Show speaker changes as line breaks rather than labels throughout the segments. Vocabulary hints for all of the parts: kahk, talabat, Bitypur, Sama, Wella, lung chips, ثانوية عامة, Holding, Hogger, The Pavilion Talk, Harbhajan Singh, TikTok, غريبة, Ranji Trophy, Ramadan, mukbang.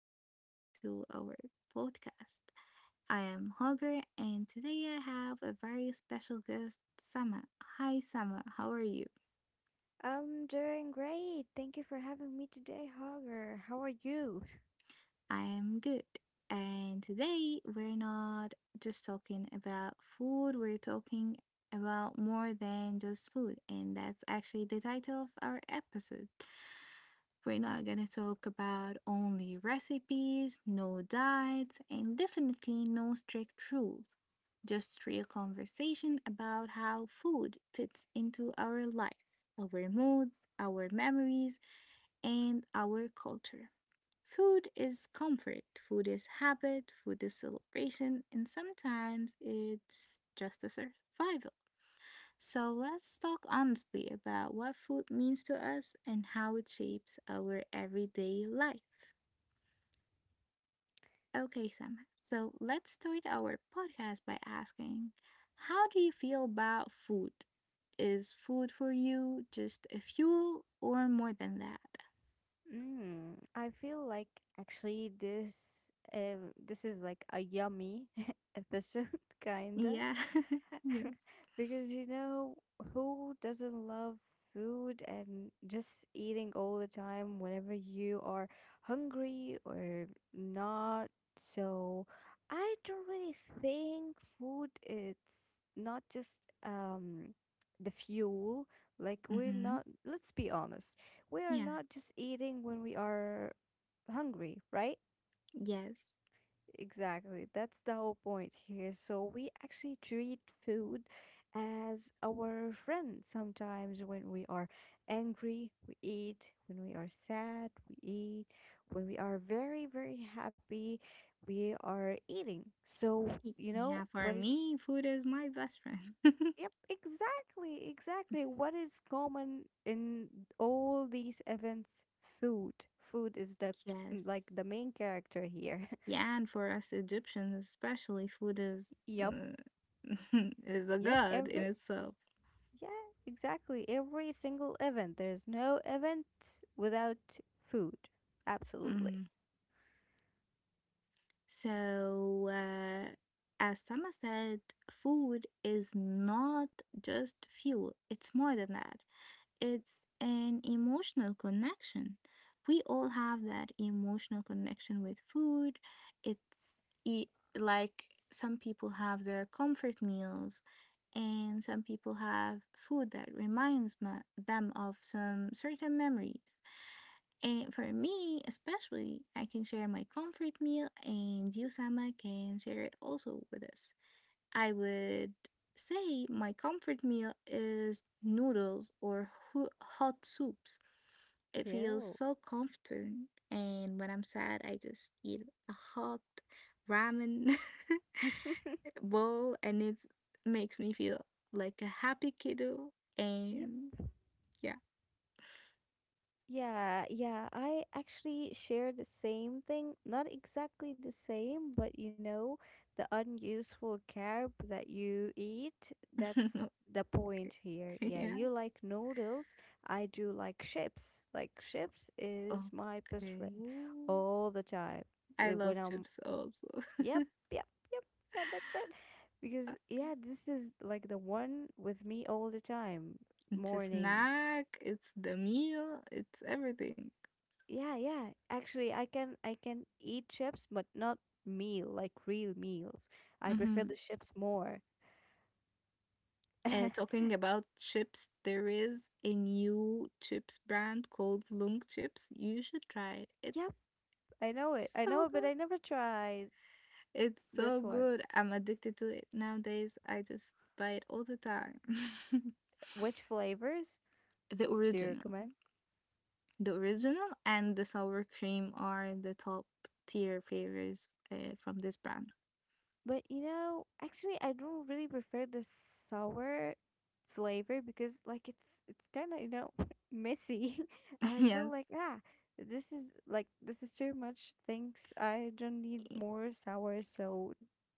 everybody, to our podcast. I am Hogger, and today I have a very special guest, Sama. Hi, Sama. How are you?
I'm doing great. Thank you for having me today, Hogger. How are you?
I am good. And today we're not just talking about food, we're talking about more than just food, and that's actually the title of our episode. We're not gonna talk about only recipes, no diets, and definitely no strict rules. Just real conversation about how food fits into our lives, our moods, our memories, and our culture. Food is comfort, food is habit, food is celebration, and sometimes it's just a survival. So let's talk honestly about what food means to us and how it shapes our everyday life. Okay, Sam. So let's start our podcast by asking how do you feel about food? Is food for you just a fuel or more than that?
I feel like actually this is like a yummy episode, kinda.
Yeah. Yes.
Because who doesn't love food and just eating all the time whenever you are hungry or not. So I don't really think food it's not just the fuel. Like, we're
Mm-hmm.
not let's be honest, we are
Yeah.
not just eating when we are hungry, right?
Yes.
Exactly. That's the whole point here. So we actually treat food as our friend. Sometimes when we are angry, we eat. When we are sad, we eat. When we are very, very happy, we are eating. So,
Y-
you know,
Yeah, for
what is
me, food is my best friend.
Yep, exactly, exactly. What is common in all these events? Food. Food is the like
Yes.
the main character here.
Yeah, and for us Egyptians, especially, food is
Yep,
uh, is a
yep.
god in
Every
itself.
Yeah, exactly. Every single event. There's no event without food. Absolutely.
Mhm. So, as Sama said, food is not just fuel. It's more than that. It's an emotional connection. We all have that emotional connection with food. It's e- like some people have their comfort meals and some people have food that reminds them of some certain memories. And for me, especially, I can share my comfort meal, and you, Sama, can share it also with us. I would say my comfort meal is noodles or hot soups. It feels
Yeah.
so comforting, and when I'm sad, I just eat a hot ramen. Well, and it makes me feel like a happy kiddo,
Yep.
and yeah.
Yeah, yeah. I actually share the same thing. Not exactly the same, but the unuseful carb that you eat, that's the point here. Yeah, you
Yes.
like noodles, I do like chips. Like, chips is my best friend
Okay.
all the time.
I
When
love
I'm
chips also.
Yep, yep, yep. Yeah, that's it. Because
Okay.
yeah, this is like the one with me all the time.
It's a
Morning.
snack, it's the meal, it's everything.
Yeah, yeah. Actually, I can eat chips, but not meal like, real meals. I prefer
Hmm.
the chips more.
Talking about chips, there is a new chips brand called lung chips, you should try it, it's
Yep, I know it. I
so
know it, but
good.
I never tried
It's so
this one.
good, I'm addicted to it nowadays, I just buy it all the time.
Which flavors
The
do you
original.
recommend?
The original and the sour cream are the top tier flavors, from this brand.
But actually, I don't really prefer the sour flavor, because like it's kind of, messy, and I feel
Yes.
like, this is too much. Thanks, I don't need more sour. So,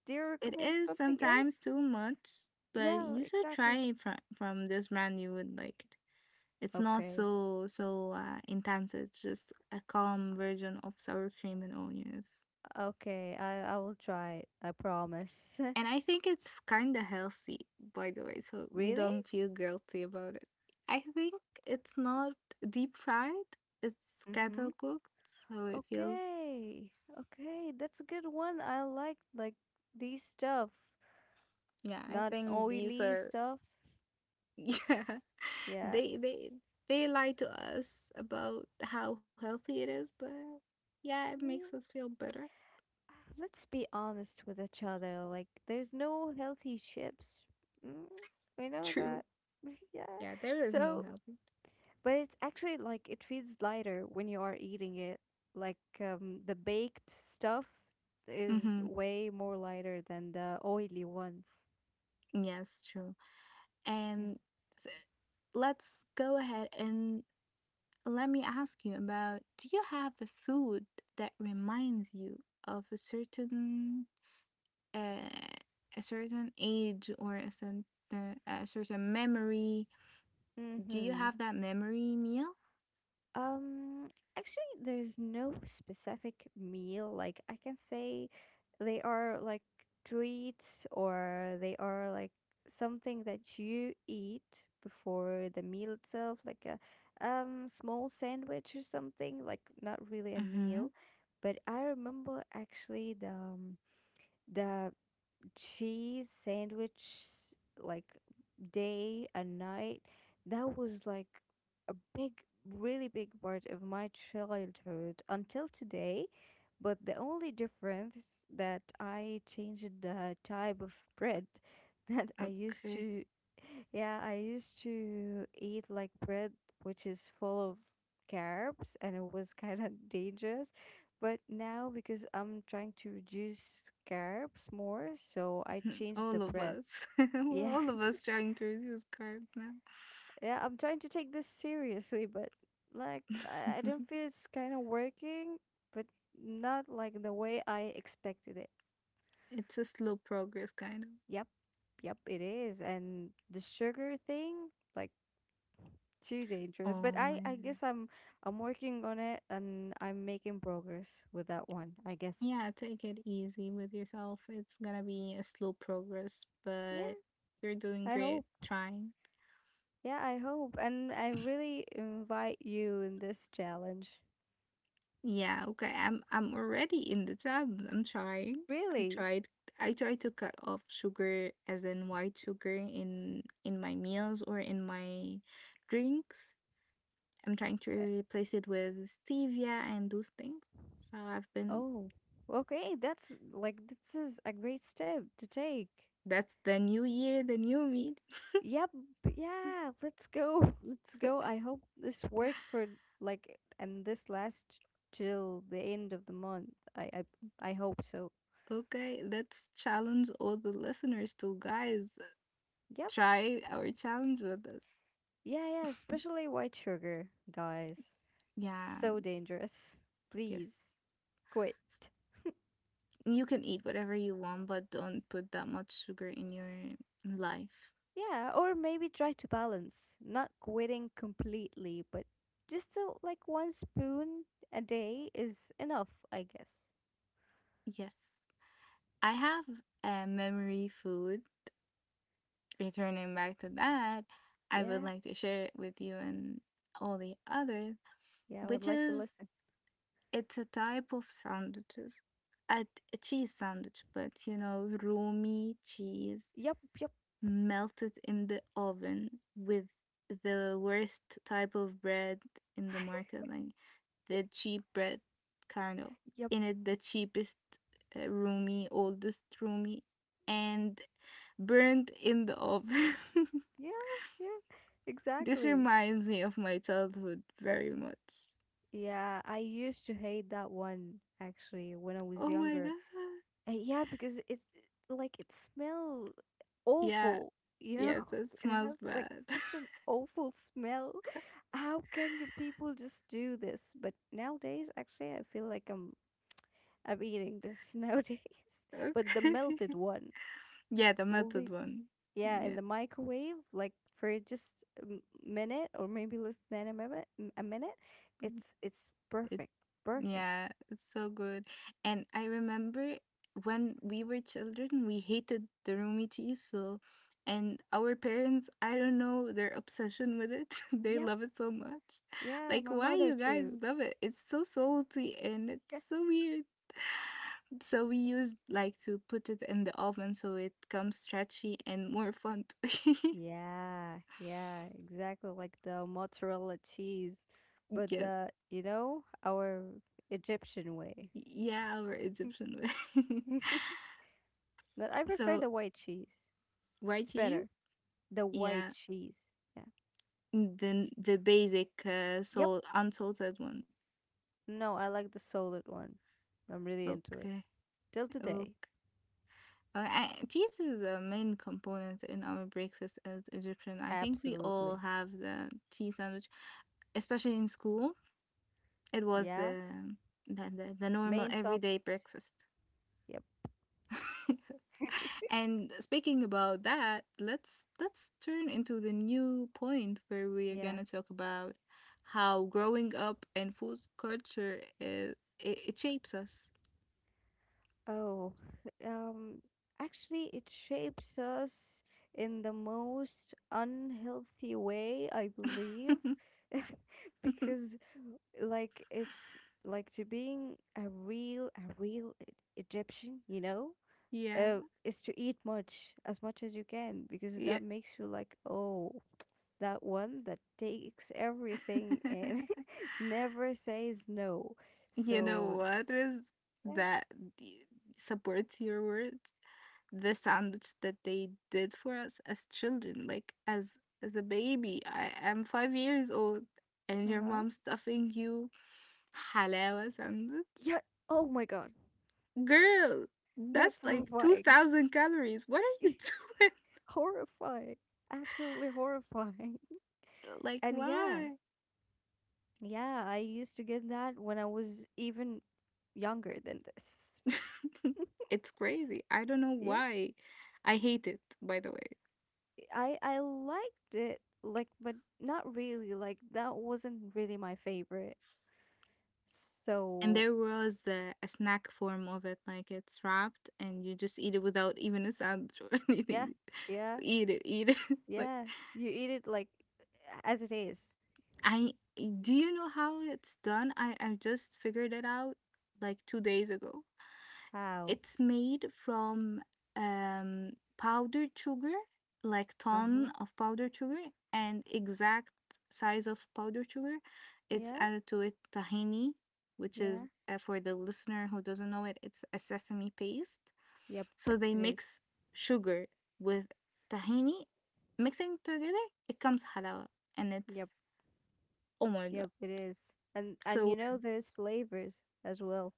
do you
It
recommend
is
something
sometimes
else?
too much, but
Yeah,
you should try
exactly.
it from this brand. You would like it. It's not
Okay.
so intense. It's just a calm version of sour cream and onions.
Okay, I will try it. I promise.
And I think it's kind of healthy, by the way, so we
Really?
don't feel guilty about it. I think it's not deep fried, it's
Mm-hmm.
kettle cooked, so it feels.
Okay. Okay, that's a good one. I like these stuff.
Yeah, I
Not
think these
oily
are.
stuff.
Yeah,
Yeah.
they they they lie to us about how healthy it is, but yeah, it makes
Mm,
us feel better.
Let's be honest with each other. Like, there's no healthy chips. Mm, we know
True.
that. Yeah.
Yeah, there is no
So,
healthy.
but it's actually like it feels lighter when you are eating it. Like, the baked stuff is
Mhm.
way more lighter than the oily ones.
Yes, true.
Yeah.
And s- let's go ahead and let me ask you about, do you have a food that reminds you of uh, a certain age or a certain memory?
Mm
Do you
hmm.
have that memory meal?
Um, actually, there's no specific meal. Like, I can say they are like treats, or they are like something that you eat before the meal itself, like a small sandwich or something, like, not really a
Mm-hmm.
meal. But I remember actually the cheese sandwich, like day and night, that was like a big, really big part of my childhood until today. But the only difference, that I changed the type of bread that I used
Okay.
to yeah, I used to eat like bread which is full of carbs, and it was kind of dangerous. But now, because I'm trying to reduce carbs more, so I changed the
All of
bread.
us. We're
Yeah,
all of us trying to reduce carbs now.
yeah, I'm trying to take this seriously, but like I don't feel it's kind of working, but not like the way I expected it.
It's a slow progress kind of.
Yep, yep, it is. And the sugar thing, like, too dangerous. But
Oh
I,
my
I
god.
guess I'm working on it, and I'm making progress with that one. I guess.
Yeah, take it easy with yourself. It's gonna be a slow progress,
Yeah,
but you're doing
I
great
hope.
trying.
Yeah, I hope. And I really invite you in this challenge.
Yeah, okay. I'm already in the job. I'm trying. I
Really?
tried I tried to cut off sugar as in white sugar in my meals or in my drinks. I'm trying to
Uh,
replace it with stevia and those things. So I've been.
Oh, okay. That's like, this is a great step to take.
That's the new year, the new me.
Yep. Yeah, let's go. Let's go. I hope this work for like, and this last till the end of the month. I hope so.
Okay, let's challenge all the listeners to, guys,
Yep.
try our challenge with us.
Yeah, yeah. Especially white sugar, guys.
Yeah,
So dangerous.
yes.
Please quit.
S- You can eat whatever you want, but don't put that much sugar in your life.
Yeah, or maybe try to balance, not quitting completely, but just like, one spoon a day is enough, I guess.
Yes. I have a memory food. Returning back to that, I would
Yeah,
like to share it with you and all the others,
yeah, I would
which
like to
is,
listen.
it's a type of sandwiches. A, a cheese sandwich, but roomy cheese
Yep, yep,
melted in the oven with the worst type of bread in the market, like the cheap bread, kind of.
yep.
In it, the cheapest, roomy, oldest roomy, and burned in the oven.
Yeah, yeah,
This
exactly.
reminds me of my childhood very much.
Yeah, I used to hate that one actually when I was
Oh my
younger.
god.
Yeah, because it's like it smell
Yeah,
awful, you know?
yes, that
It
smells
has like
bad.
such an awful smell. How can you people just do this? But nowadays, actually, I feel like I'm eating this nowadays. But the
Okay.
melted one,
Yeah, the melted
only
one.
yeah, in
Yeah,
the microwave, like for just a minute, or maybe less than a minute, it's
it
perfect, perfect.
Yeah, it's so good. And I remember when we were children, we hated the roomy cheese. So, and our parents, I don't know their obsession with it. They
Yep,
love it so much.
yeah,
Like,
my
why
mother
you guys
too.
love it? It's so salty and it's so weird. So we used like to put it in the oven so it comes stretchy and more fun to.
Yeah, yeah, exactly like the mozzarella cheese, but
Yes.
the, you know, our Egyptian way.
Yeah, our Egyptian way.
But I prefer
So,
the white cheese.
why
It's
to you?
better. The white
Yeah.
cheese. Yeah.
The basic,
Yep.
salt unsalted one.
No, I like the solid one. I'm really into it.
Okay,
Till today.
okay. Cheese is the main component in our breakfast as Egyptian. I think we all
Absolutely.
have the cheese sandwich, especially in school. It was
Yeah.
the the normal
Main song.
everyday breakfast.
Yep.
And speaking about that, let's turn into the new point where we're
Yeah.
gonna talk about how growing up and food culture is, it shapes us.
Oh, um, actually, it shapes us in the most unhealthy way, I believe, because like it's like to being a real Egyptian,
Yeah.
is to eat much as you can because
Yeah.
that makes you like, oh, that one that takes everything and never says no.
You know
So
what is
yeah,
that y- supports your words? The sandwich that they did for us as children, like as a baby. I am 5 years old and your
uh-huh.
mom stuffing you halawa sandwich.
Yeah. Oh my God.
Girl, that's
That's
like two
horrifying.
thousand calories. What are you doing?
horrifying. Absolutely horrifying.
Like
And yeah,
why?
yeah, I used to get that when I was even younger than this.
It's crazy. I don't know
Yeah,
why. I hate it, by the way.
I liked it like, but not really, like, that wasn't really my favorite.
And
So,
there was a snack form of it, like it's wrapped, and you just eat it without even a sandwich or
yeah.
anything.
Yeah.
Just eat it, eat it. Like,
Yeah. You eat it like as it is.
I, do you know how it's done? I just figured it out like 2 days ago.
How?
It's made from um, powdered sugar, like
Uh-huh.
ton of powdered sugar, and exact size of powdered sugar. It's
Yeah.
added to it tahini, which
Yeah.
is, for the listener who doesn't know it, it's a sesame paste.
Yep,
So they
it is.
mix sugar with tahini, mixing together, it comes halawa, and
Yep.
it's, oh my god.
Yep, it is. And and
So,
you know there's flavors as well.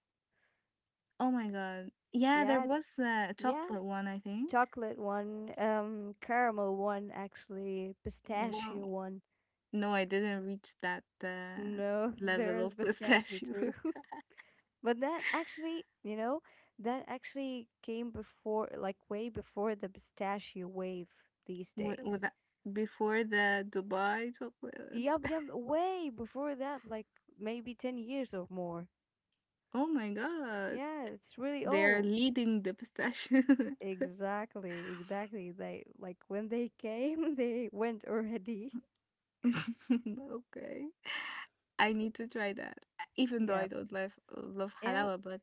oh my god, yeah, there
Yeah,
was a
yeah.
chocolate one, I think.
Chocolate one, caramel one, actually, pistachio
Wow.
one.
No, I didn't reach that,
No, there
level
is
of
pistachio
pistachio.
too. But that actually, that actually came before, like way before the pistachio wave these
with, with
days.
that- before the Dubai chocolate.
Yup, yup, way before that, like maybe 10 years or more.
Oh my God,
Yeah, it's really
they're
old.
leading the pistachio.
Exactly, exactly. They like when they came, they went already.
Okay, I need to try that. Even though I
Yeah.
don't love love
And
halawa, but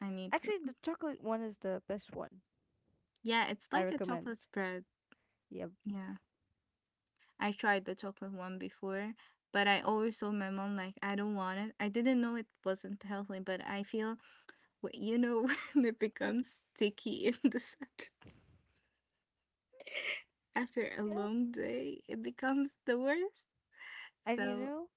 I need to.
actually the chocolate one is the best one.
Yeah, it's
I
like a
recommend.
chocolate spread.
Yeah,
Yeah, I tried the chocolate one before, but I always told my mom like I don't want it. I didn't know it wasn't healthy, but I feel. Well, when it becomes sticky in the set after a
yeah.
long day, it becomes the worst.
And you
So,
know,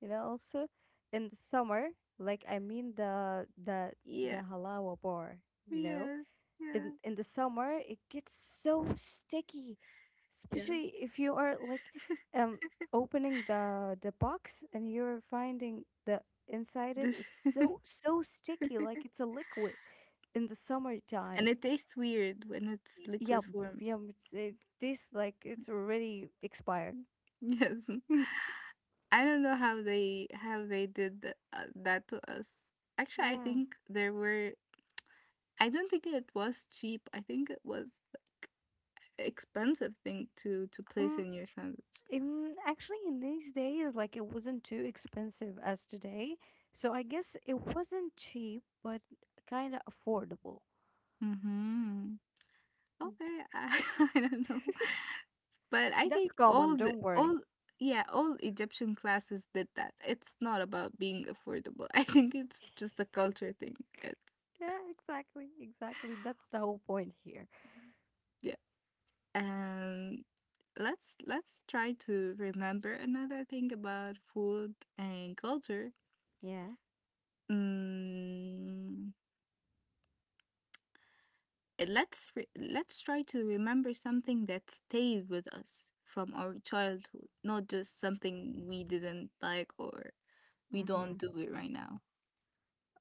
also in the summer, like I mean the
yeah,
halawa bar, you know?
yes,
in
yeah,
in the summer it gets so sticky,
yeah.
especially if you are like um opening the box, and you're finding the inside, it
This-
it's so sticky, like it's a liquid in the
and
summertime.
it tastes weird when it's liquid
Yum
form.
yum, it's it tastes like it's already expired.
Yes. I don't know how they did that to us. Actually, I
Yeah,
think there were. I don't think it was cheap. I think it was like expensive thing to place
um
in your sandwich.
actually in these days like it wasn't too expensive as today, so I guess it wasn't cheap but kind of affordable.
Mm-hmm. Okay, I, I don't know. But I
That's
think
common,
all the
don't worry.
all yeah, all Egyptian classes did that. It's not about being affordable. I think it's just a culture thing. It's.
Yeah, exactly, exactly. That's the whole point here.
Yes. Um let's try to remember another thing about food and culture.
Yeah.
Mm, let's try to remember something that stayed with us from our childhood, not just something we didn't like or we
Mm-hmm.
don't do it right now.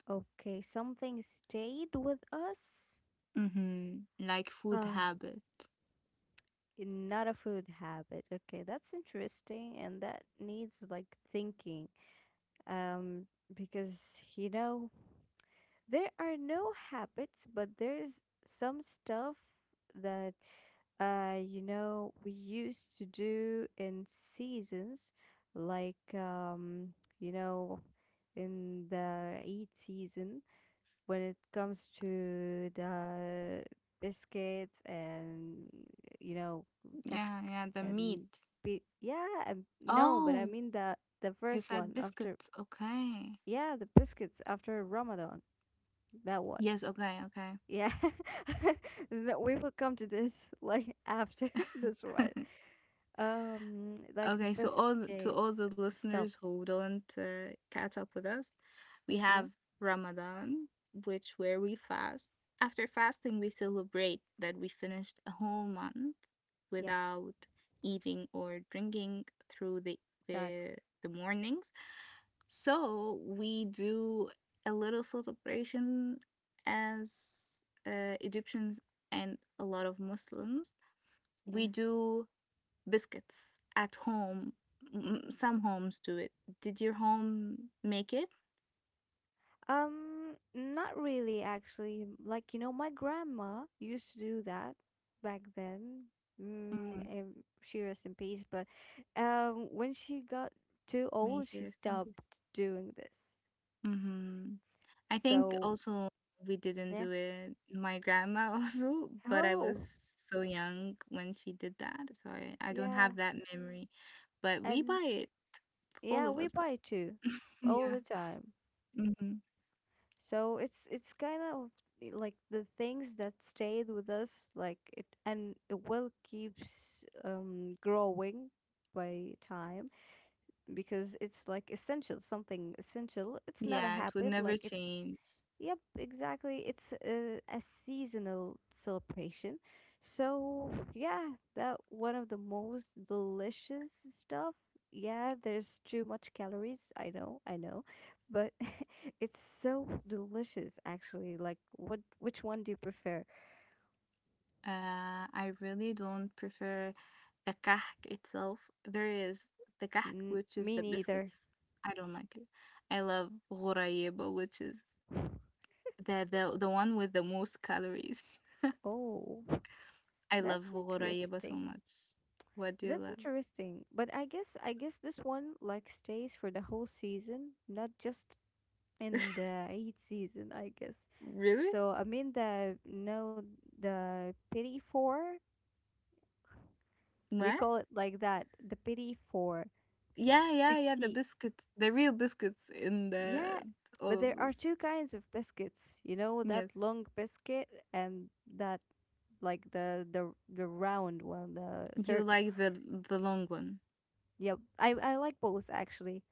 Okay, something stayed with us.
Mm-hmm. Like food
Uh,
habit.
not a food habit. Okay, that's interesting, and that needs like thinking. Um, because there are no habits, but there's some stuff that we used to do in seasons, like you know, in the Eid season, when it comes to the biscuits and you know, kak
Yeah, yeah, the meat.
and be yeah, and no, but I
Oh,
mean the
you
first
said
one after
biscuits. Okay.
yeah, the biscuits after Ramadan, that one.
Yes, okay, okay.
Yeah. No, we will come to this like after this one. Like the
Okay, so to all
biscuits
the
stuff.
listeners who don't, catch up with us, we
Mm-hmm.
have Ramadan, which where we fast. After fasting, we celebrate that we finished a whole month
Yep,
without eating or drinking through the
exactly.
the, the mornings. So we do a little celebration as, Egyptians and a lot of Muslims.
Yeah.
We do biscuits at home. Some homes do it. Did your home make it?
Not really actually. Like, my grandma used to do that back then.
Mhm.
And she rest in peace, but when she got too
May
old,
she
she
rest in
stopped
peace.
doing this.
Mm-hmm. I think
So,
also we didn't
yeah.
do it. My grandma also, but I was
Oh,
so young when she did that, so I don't
yeah.
have that memory. But we
And
buy it. All
Yeah,
of
we
us buy
buy too,
it.
all
Yeah.
the time.
Mm-hmm.
So it's kind of, like, the things that stayed with us, like it, and it will keeps growing by time because it's like essential, something essential. It's not a
Yeah, it would
habit,
never
like it's
change.
Yep, exactly. It's a seasonal celebration. So, yeah, that one of the most delicious stuff. Yeah, there's too much calories. I know, I know. But it's so delicious actually. Like, what which one do you prefer?
I really don't prefer the kahk itself. There is the kahk,
N
which is
Me
the
neither.
biscuits. I don't like it. I love غريبة, which is the one with the most calories.
Oh,
I love
that's
غريبة so
interesting.
much. What do you
That's
love?
interesting. But I guess this one like stays for the whole season, not just in the eighth season, I guess.
Really?
So I mean the no, the pity four, we
What?
call it like that, the pity four,
Yeah, yeah, yeah, the
pity,
biscuits, the real biscuits in
yeah,
the
but
all of
there are
those.
two kinds of biscuits, you know, that
Yes.
long biscuit, and that, like, the round one, the
You
circle.
like the long one.
Yep, I like both actually,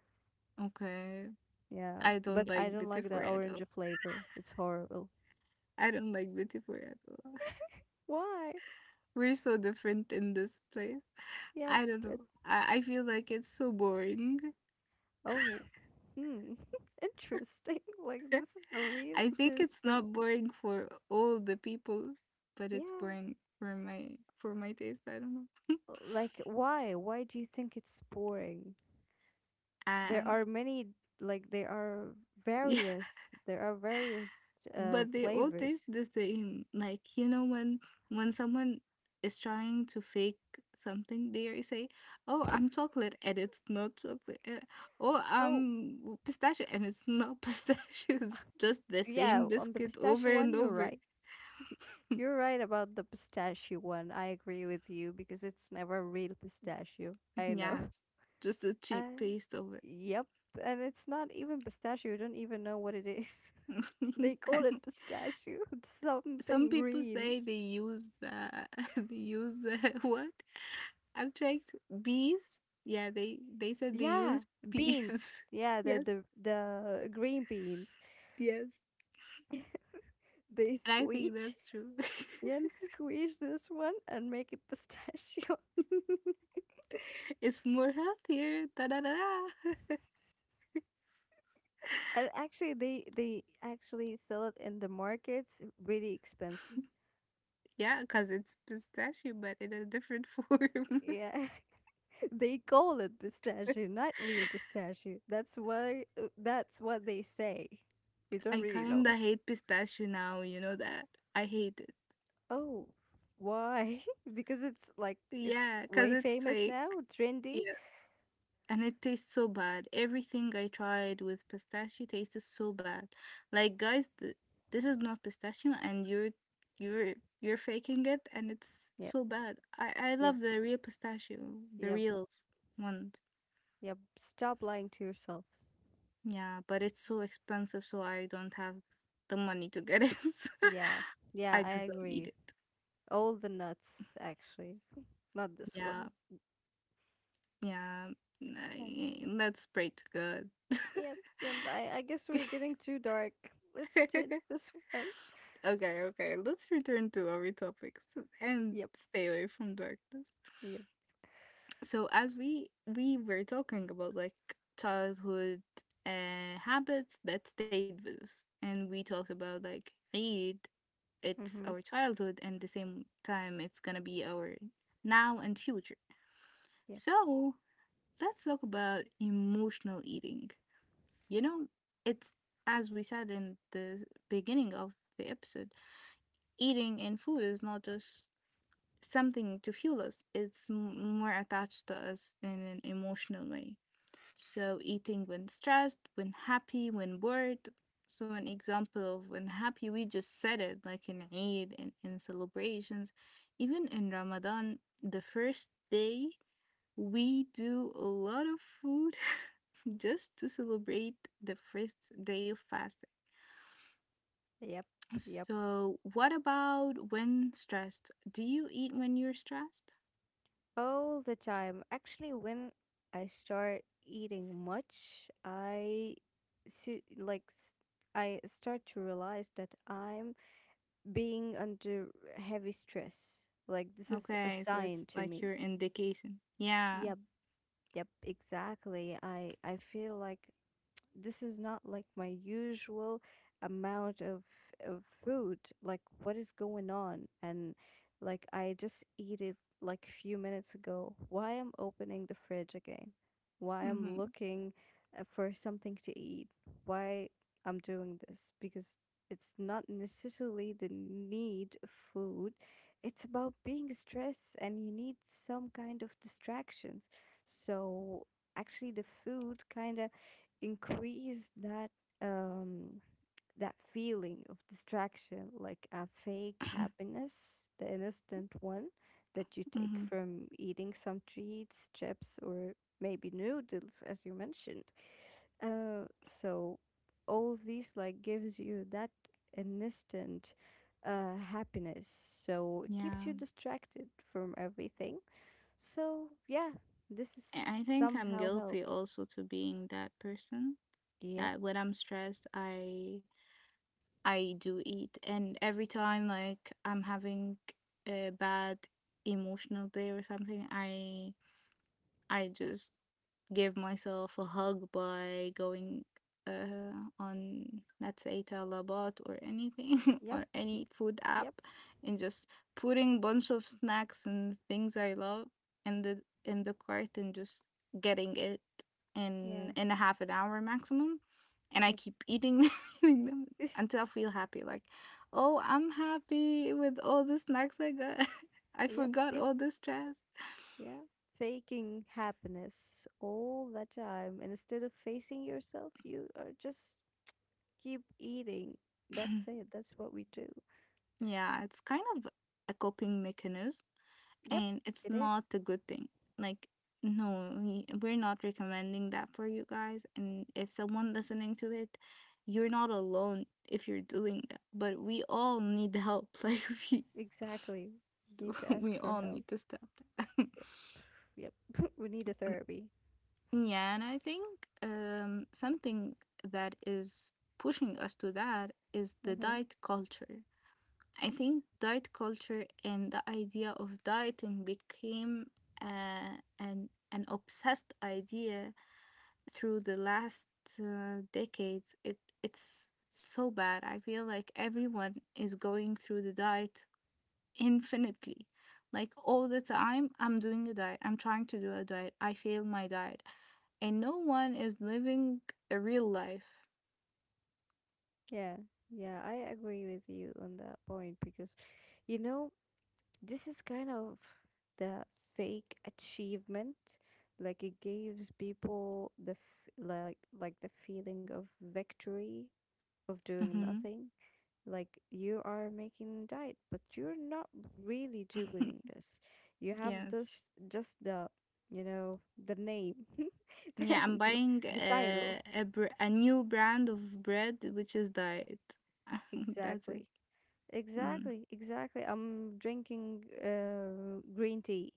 Okay.
yeah,
I
but
don't
I
like the
don't like the
different.
orange flavor, it's horrible.
I don't like Bitypur at all.
Why?
We're so different in this place.
Yep.
I don't know. I feel like it's so boring.
Oh, hmm, interesting. Like, this is really
I think it's
interesting.
not boring for all the people, but it's
Yeah.
boring for my taste. I don't know.
Like, why? Why do you think it's boring? There
And
are many, like, there are
yeah,
various, there are various
but they all taste
flavors.
the same. Like, you know, when someone is trying to fake something, they say, "Oh, I'm chocolate," and it's not chocolate. Oh,
Oh,
pistachio, and it's not pistachio. It's just the
yeah,
same
on the
biscuit over
pistachio one,
and
you're
over.
right. You're right about the pistachio one. I agree with you, because it's never real pistachio. I know.
Yeah, it's just a cheap
Uh,
paste of it.
yep. And it's not even pistachio. You don't even know what it is. They call it pistachio.
Some
Something
people
green.
say they use they use what? I'm trying bees. Yeah, they said they
Yeah,
use
beans.
bees.
Yeah, the
Yes,
the the green beans.
yes.
They
And I think
squeeze
that's true.
and squeeze this one and make it pistachio.
It's more healthier. Da da da da.
And actually, they actually sell it in the markets really expensive.
Yeah, because it's pistachio, but in a different form.
Yeah, they call it pistachio, not real pistachio. That's what they say. We don't
I
really
kind
know.
of hate pistachio now, you know that? I hate it.
Oh, why? Because it's like it's
Yeah, because
way
it's
famous
fake.
now, trendy.
Yeah, and it tastes so bad. Everything I tried with pistachio tasted so bad. Like, guys, this is not pistachio, and you're you're faking it, and it's
Yep,
so bad. I
yep,
love the real pistachio, the
yep,
real ones.
yep. Stop lying to yourself.
Yeah, but it's so expensive, so I don't have the money to get it.
Yeah, yeah,
I
I
just don't eat
agree.
it.
All the nuts, actually. Not this
Yeah,
one.
yeah.
Yeah.
That's pretty good.
Yep, yep. I guess we're getting too dark. Let's do this one.
Okay, okay. Let's return to our topics and
Yep,
stay away from darkness.
yep.
So as we were talking about, like, childhood habits that stayed with us, and we talked about, like, Eid, it's
Mm-hmm.
our childhood, and the same time it's gonna be our now and future.
Yep,
So let's talk about emotional eating. You know, it's, as we said in the beginning of the episode, eating and food is not just something to fuel us. It's more attached to us in an emotional way. So, eating when stressed, when happy, when bored. So, an example of when happy, we just said it, like, in Eid and in celebrations, even in Ramadan, the first day. We do a lot of food just to celebrate the first day of fasting.
yep, yep.
So, what about when stressed? Do you eat when you're stressed?
All the time. Actually, when I start eating much, I see, like s- I start to realize that I'm being under heavy stress. Like this is a
Okay, so
sign
it's
to
like
me.
your indication. Yeah.
Yep, yep, exactly. I feel like this is not like my usual amount of food. Like, what is going on? And like, I just eat it like a few minutes ago. Why I'm opening the fridge again? Why I'm
Mm-hmm.
looking for something to eat? Why I'm doing this? Because it's not necessarily the need of food. It's about being stressed and you need some kind of distractions. So actually the food kind of increase um that feeling of distraction, like a fake happiness, the instant one that you take
Hmm.
from eating some treats, chips, or maybe noodles, as you mentioned. So all of these like gives you that instant happiness. So it keeps
Yeah.
you distracted from everything. So yeah, this is
And I think I'm
somehow
guilty
helps.
also to being that person
Yep,
that when I'm stressed, I do eat, and every time, like, I'm having a bad emotional day or something, I just give myself a hug by going, uh, on, let's say, talabat or anything,
yep,
or any food app,
yep,
and just putting bunch of snacks and things I love in the cart, and just getting it in
yeah.
a half an hour maximum, and I
Yep.
keep eating them until I feel happy, like, oh, I'm happy with all the snacks I got. I
yep.
forgot
Yep.
all the stress.
Yeah. Faking happiness all the time. And instead of facing yourself, you are just keep eating. That's it. That's what we do.
Yeah, it's kind of a coping mechanism,
Yep.
and it's
It is.
not a good thing. Like, no, we're not recommending that for you guys. And if someone listening to it, you're not alone if you're doing that. But we all need help. Like, we,
Exactly. You need to ask
we
for
all
help.
need to stop that.
Yep. Yep. We need a therapy.
Yeah, and I think, something that is pushing us to that is the
Mm-hmm.
diet culture. I think diet culture and the idea of dieting became, an obsessed idea through the last decades. It's so bad. I feel like everyone is going through the diet infinitely. Like, all the time I'm doing a diet. I'm trying to do a diet. I fail my diet. And no one is living a real life.
Yeah. Yeah. I agree with you on that point because, you know, this is kind of the fake achievement. Like it gives people the f- like the feeling of victory of doing
Mhm.
nothing. Like you are making diet, but you're not really doing this. You have
Yes.
this just the you know the name
Yeah, I'm
and
buying,
the title.
a a new brand of bread which is diet. That's it.
Exactly,
Mm.
exactly, exactly. I'm drinking green tea.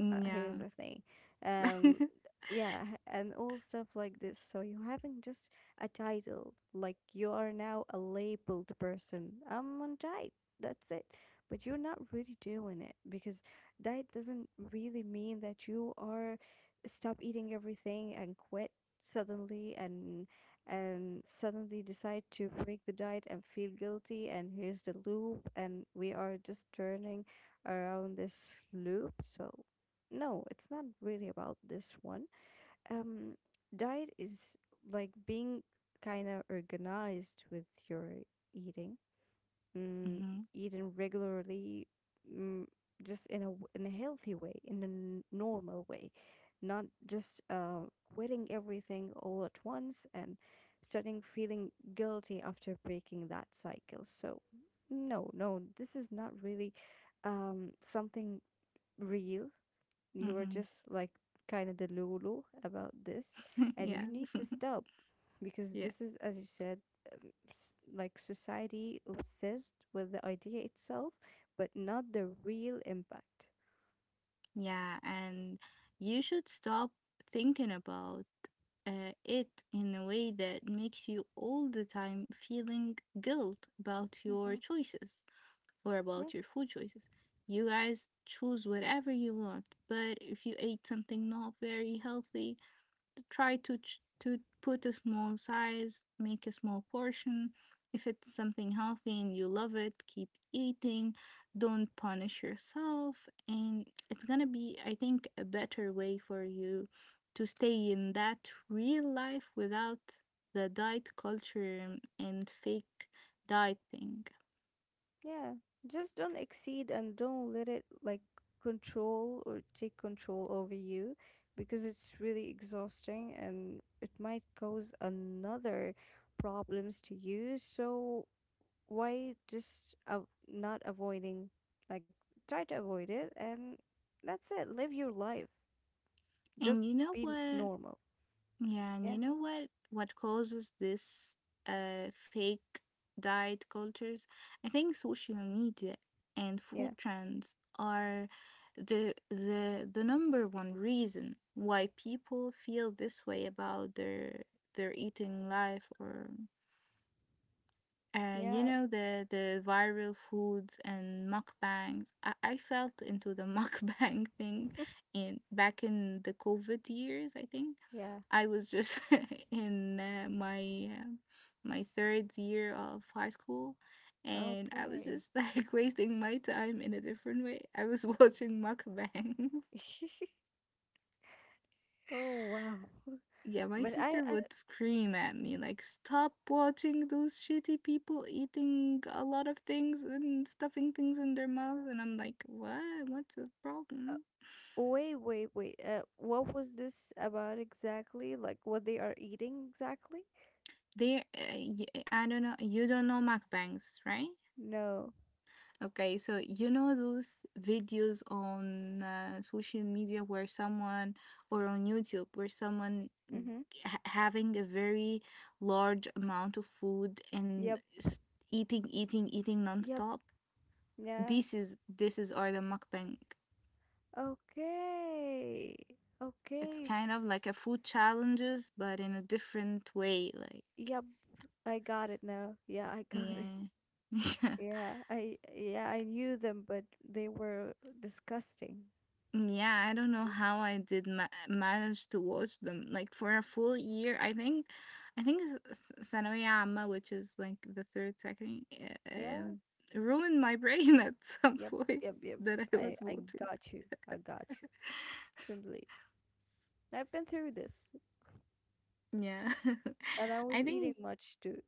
Mm,
Here's
yeah.
the thing. Um, yeah, and all stuff like this. So you having just a title, like you are now a labeled person. I'm on diet. That's it. But you're not really doing it because diet doesn't really mean that you are stop eating everything and quit suddenly, and suddenly decide to break the diet and feel guilty, and here's the loop, and we are just turning around this loop. So no, it's not really about this one. Um, Diet is like being kind of organized with your eating, mm,
Hmm.
eating regularly, mm, just in a in a healthy way, in a normal way, not just quitting everything all at once and starting feeling guilty after breaking that cycle. So, no, no, this is not really something real. You are
Hmm.
just like kind of delulu about this, and you need
Yes.
to stop because
Yeah.
this is, as you said, like society obsessed with the idea itself but not the real impact.
Yeah, and you should stop thinking about, it in a way that makes you all the time feeling guilt about your
Hmm,
choices or
yeah,
about your food choices. You guys choose whatever you want, but if you ate something not very healthy, try to to put a small size, make a small portion. If it's something healthy and you love it, keep eating. Don't punish yourself, and it's gonna be, I think, a better way for you to stay in that real life without the diet culture and fake diet thing.
yeah, just don't exceed and don't let it like control or take control over you, because it's really exhausting and it might cause another problems to you. So why just not avoiding, like try to avoid it, and that's it, live your life, just
And you know
be
what?
normal.
Yeah, and
Yeah,
you know what causes this fake diet cultures? I think social media and
yeah,
food trends are the number one reason why people feel this way about their eating life, or, you
yeah.
know, the viral foods and mukbangs. I felt into the mukbang thing in back in the COVID years. I think
Yeah.
I was just in, my third year of high school, and I was
Okay.
just like wasting my time in a different way. I was watching mukbangs.
Oh, wow.
Yeah, my
But i,
sister
I
would scream at me like, "Stop watching those shitty people eating a lot of things and stuffing things in their mouth." And I'm like, "What? What's the
uh,
problem?"
wait, wait, wait, what was this about exactly, like what they are eating exactly.
They, uh, I don't know. You don't know mukbangs, right?
No.
Okay, so you know those videos on, social media where someone, or on YouTube where someone
Mm-hmm.
having a very large amount of food and
Yep,
eating, eating, eating
yep,
nonstop.
yeah.
This is or the mukbang.
Okay,
It's
okay,
kind of like
this
a food challenges, but in a different way. Like,
Yep, I got it now. Yeah, I got it.
yeah,
Yeah, I knew them, but they were disgusting.
yeah. I don't know how I did manage to watch them. Like, for a full year, I think ثانوية عامة, which is like the third second,
Yeah.
ruined my brain at some
Yep,
point
yep, yep.
that I
I
was
I
watching.
got you. I got you. Completely. I've been through this,
Yeah,
and I was
I
eating
think.
much too.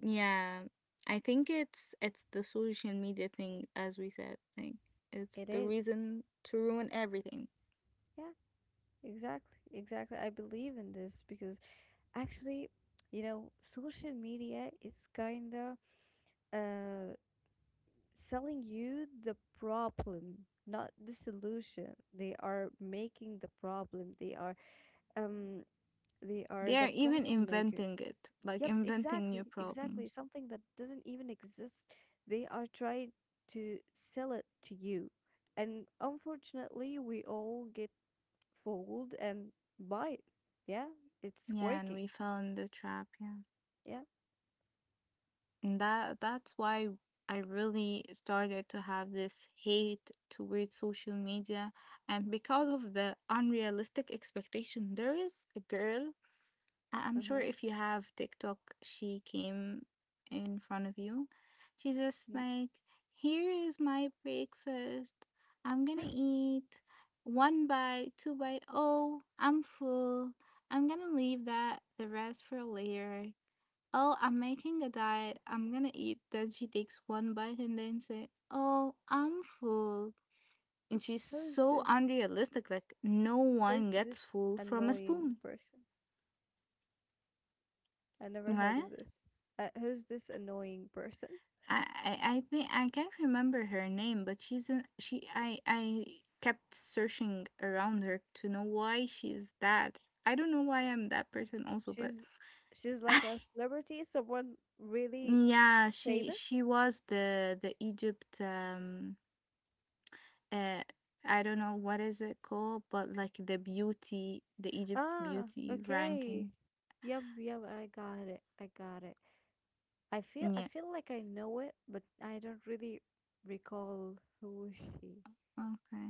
Yeah, I think it's the social media thing, as we said. Like, it's
It
the
is.
reason to ruin everything.
Yeah, exactly. Exactly. I believe in this because actually, you know, social media is kind of uh selling you the problem, not the solution. They are making the problem. They are um they are
They are
the
even
problem makers.
inventing it, like
Yep,
inventing new
exactly, exactly,
problems.
Something that doesn't even exist, they are trying to sell it to you, and unfortunately we all get fooled and buy it. Yeah, it's
Yeah, and
working.
we fell in the trap. Yeah,
Yeah.
and that's why I really started to have this hate towards social media, and because of the unrealistic expectation, there is a girl. I'm sure
Uh-huh.
if you have TikTok, she came in front of you. She's just
Mm.
like, here is my breakfast. I'm gonna eat one bite, two bite. Oh, I'm full. I'm gonna leave that the rest for later. Oh, I'm making a diet. I'm gonna eat. Then she takes one bite and then say, oh, I'm full. And she's
who's
so
this
unrealistic. Like, no
who's
one
this
gets full from a
annoying
spoon,
person? I never heard
right?
of this. Who's this annoying person?
I think I can't remember her name, but she's an she I kept searching around her to know why she's that. I don't know why I'm that person also, but
She's she's like a celebrity, someone really
yeah, she
famous.
she was the Egypt, uh I don't know what is it called, but like the beauty, the Egypt
Ah,
beauty
okay.
ranking.
Yep, yep, I got it. I got it. I feel I
Yeah.
feel like I know it, but I don't really recall who she.
Okay.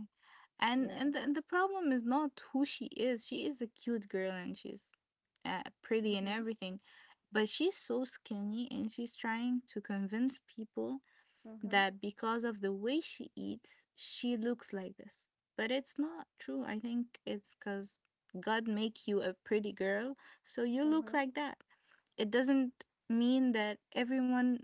And
Yeah.
and the problem is not who she is. She is a cute girl and she's, pretty and
Mm-hmm.
everything, but she's so skinny and she's trying to convince people
Uh-huh.
that because of the way she eats, she looks like this. But it's not true. I think it's cuz God make you a pretty girl, so you look
Uh-huh.
like that. It doesn't mean that everyone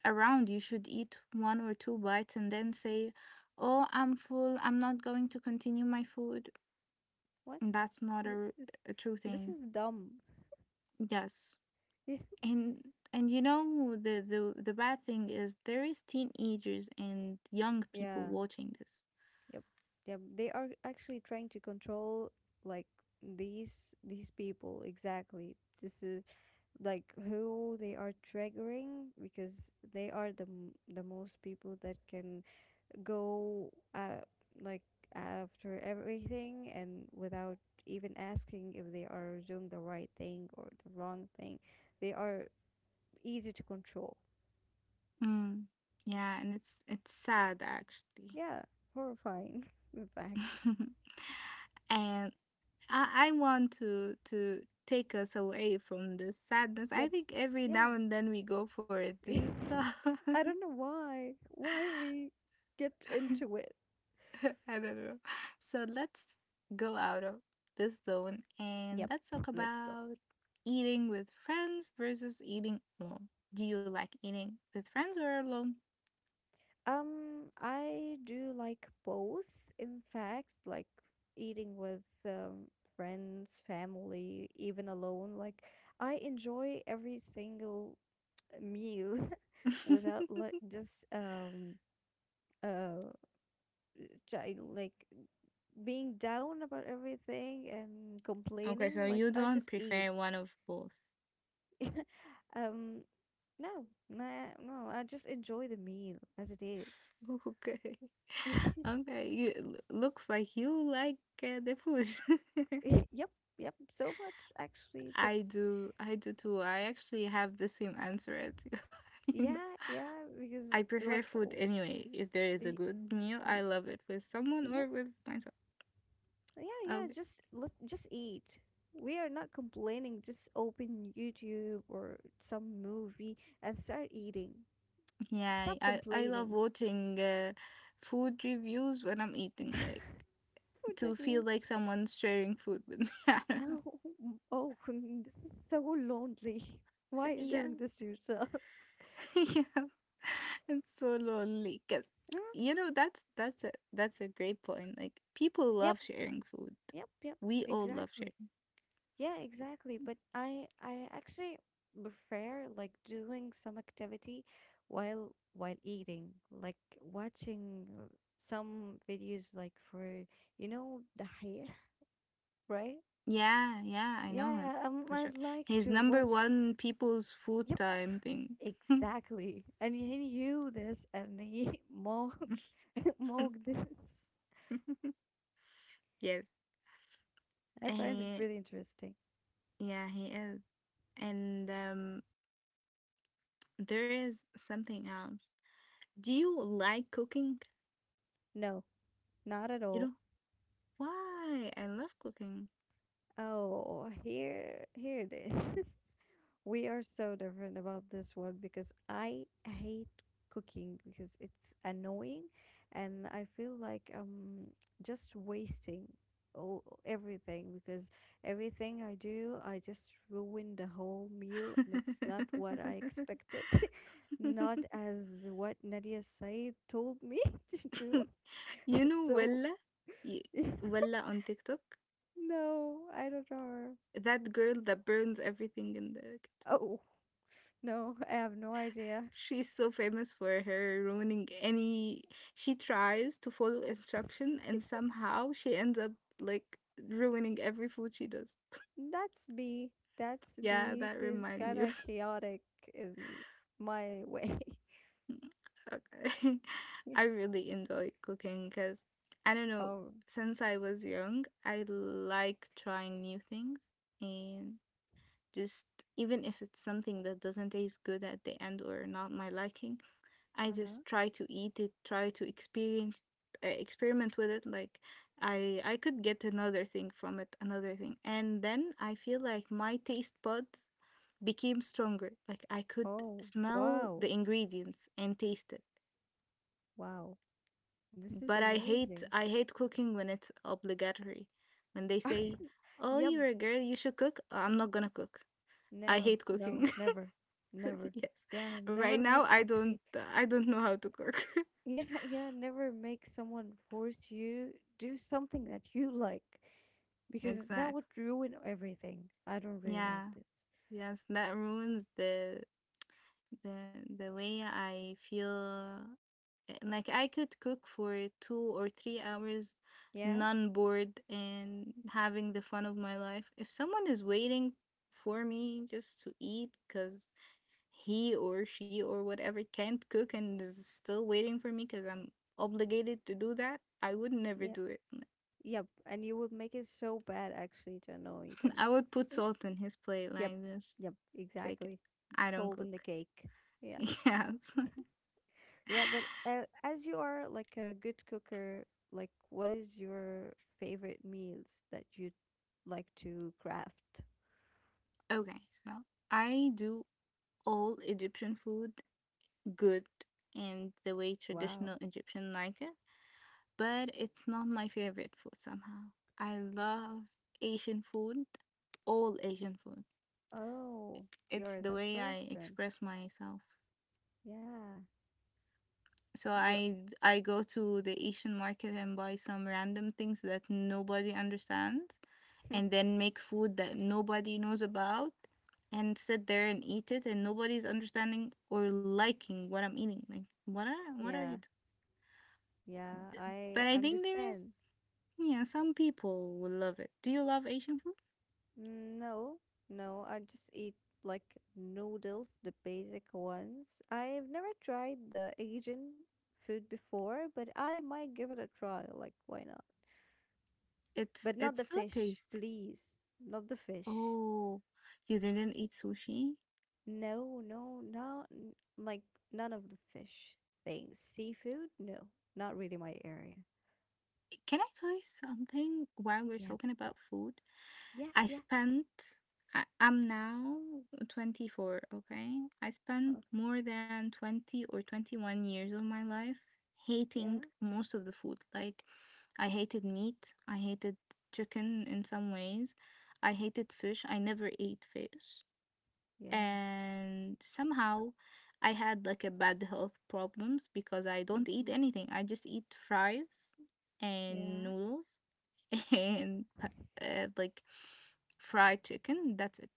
around. You should eat one or two bites and then say, oh, I'm full. I'm not going to continue my food.
What?
That's not
This is
a true
this
thing.
is dumb.
Yes. And and you know, the bad thing is there is teenagers and young people
Yeah.
watching this.
Yep. Yep. They are actually trying to control like these these people exactly. This is like who they are triggering because they are the most people that can go like after everything and without even asking if they are doing the right thing or the wrong thing. They are easy to control.
Mm. Yeah, and it's sad actually.
Yeah, horrifying in fact.
And I want to take us away from the sadness. I
Yep.
think every now
Yeah.
and then we go for a deep talk.
I don't know why. Why we get into it.
I don't know. So let's go out of this zone and
Yep,
let's talk
let's go.
about eating with friends versus eating alone. Do you like eating with friends or alone?
I do like both, in fact, like eating with friends, family, even alone. Like, I enjoy every single meal without like just uh like being down about everything and
Okay, so
complaining. Like,
you
I
don't
just eat.
prefer one of both.
um No, no, no. I just enjoy the meal as it is.
Okay. Okay, looks like you like, the food.
Yep, yep. So much actually, but
I do. I do too. I actually have the same answer as you. You know,
yeah, yeah. Because
I prefer
like,
food
oh,
anyway. If there is a
y-
good meal,
y-
I love it with someone
yep,
or with myself.
yeah, yeah.
Okay.
Just let just eat. We are not complaining. Just open YouTube or some movie and start eating.
Yeah,
Stop
I love
complaining.
watching, food reviews when I'm eating,
Food
like, to feel
reviews.
like someone's sharing food with me. I don't know.
Oh, oh, this is so lonely. Why are you
Yeah.
doing this to yourself?
Yeah. It's so lonely because,
Mm,
you know, that's a great point. Like, people
yep.
love sharing food.
Yep, yep,
We all love
exactly.
sharing.
Yeah, exactly. But I actually prefer like doing some activity while eating, like watching some videos like for the right?
Yeah, yeah, I know him
Yeah, I, um,
for
I'd
sure.
like
He's
to
number
watch.
one people's food
Yep,
time thing.
exactly. And you this and he mock mock this.
Yes,
I find it
he,
really interesting.
yeah, he is. And, there is something else. Do you like cooking?
No, not at
You
all.
know why? I love cooking.
Oh, here it is. We are so different about this one because I hate cooking because it's annoying and I feel like I'm just wasting all everything because everything I do I just ruin the whole meal and it's not what I expected. Not as what Nadia Said told me to do.
You know
So.
Wella, Y- Wella on TikTok.
No, I don't know.
That girl that burns everything in the kitchen.
Oh, no, I have no idea.
She's so famous for her ruining any. She tries to follow instruction and somehow she ends up like ruining every food she does.
That's me. That's
Yeah,
me.
that
She's
remind
kind
me of.
of chaotic in my way.
Okay. I really enjoy cooking because I don't know,
Oh,
since I was young, I like trying new things and just even if it's something that doesn't taste good at the end or not my liking, I
uh-huh.
just try to eat it, try to experience experiment with it, like I could get another thing from it, another thing. And then I feel like my taste buds became stronger. Like I could
Oh,
smell
wow.
the ingredients and taste it.
Wow. This is
But I hate
amazing.
I hate cooking when it's obligatory. When they say, "Oh,
Yep.
you're a girl, you should cook." I'm not gonna cook. I
No,
hate
no,
cooking.
never. Never.
Yes.
Yeah, never
Right now
make
I
actually.
don't I don't know how to cook.
Yeah, yeah, never make someone force you do something that you like because that would
Exactly.
ruin everything. I don't really like
Yeah.
this.
Yes, that ruins the the way I feel. Like I could cook for 2 or 3 hours,
Yeah.
non bored and having the fun of my life. If someone is waiting for me just to eat because he or she or whatever can't cook and is still waiting for me because I'm obligated to do that, I would never
Yeah.
do it.
Yep, and you would make it so bad actually to annoy them.
I would put salt in his plate
Yep,
like this.
yep,
Take it.
exactly.
I don't
Salt in the
cook.
cake. Yeah.
Yes.
Yeah, but as you are like a good cooker, like what is your favorite meals that you'd like to craft?
Okay, so I do all Egyptian food good and the way
Wow.
traditional Egyptian like it, but it's not my favorite food somehow. I love Asian food, all Asian food.
Oh, you're
It's
the
the way I
person.
express myself.
Yeah.
So
You're
I go to the Asian market and buy some random things that nobody understands and then make food that nobody knows about and sit there and eat it and nobody's understanding or liking what I'm eating. Like what are you
yeah,
t-
yeah, I
But I think there is,
understand.
yeah, some people will love it. Do you love Asian food?
Mm, no, no, I just eat like noodles, the basic ones. I've never tried the Asian food before, but I might give it a try. Like, why not?
It's
But not
it's
the
so
fish,
tasty.
please. Not the fish.
Oh, you didn't eat sushi?
No, no, not like none of the fish things. Seafood, no, not really my area.
Can I tell you something while we're
Yeah,
talking about food?
yeah,
I
yeah.
spent, I'm now 24, okay? I
Oh,
spent more than 20 or 21 years of my life
yeah,
hating most of the food. Like, I hated meat, I hated chicken in some ways, I hated fish, I never ate fish.
yeah.
And somehow I had like a bad health problems because I don't eat
Mm-hmm.
anything. I just eat fries and
Yeah,
noodles and like fried chicken. That's it.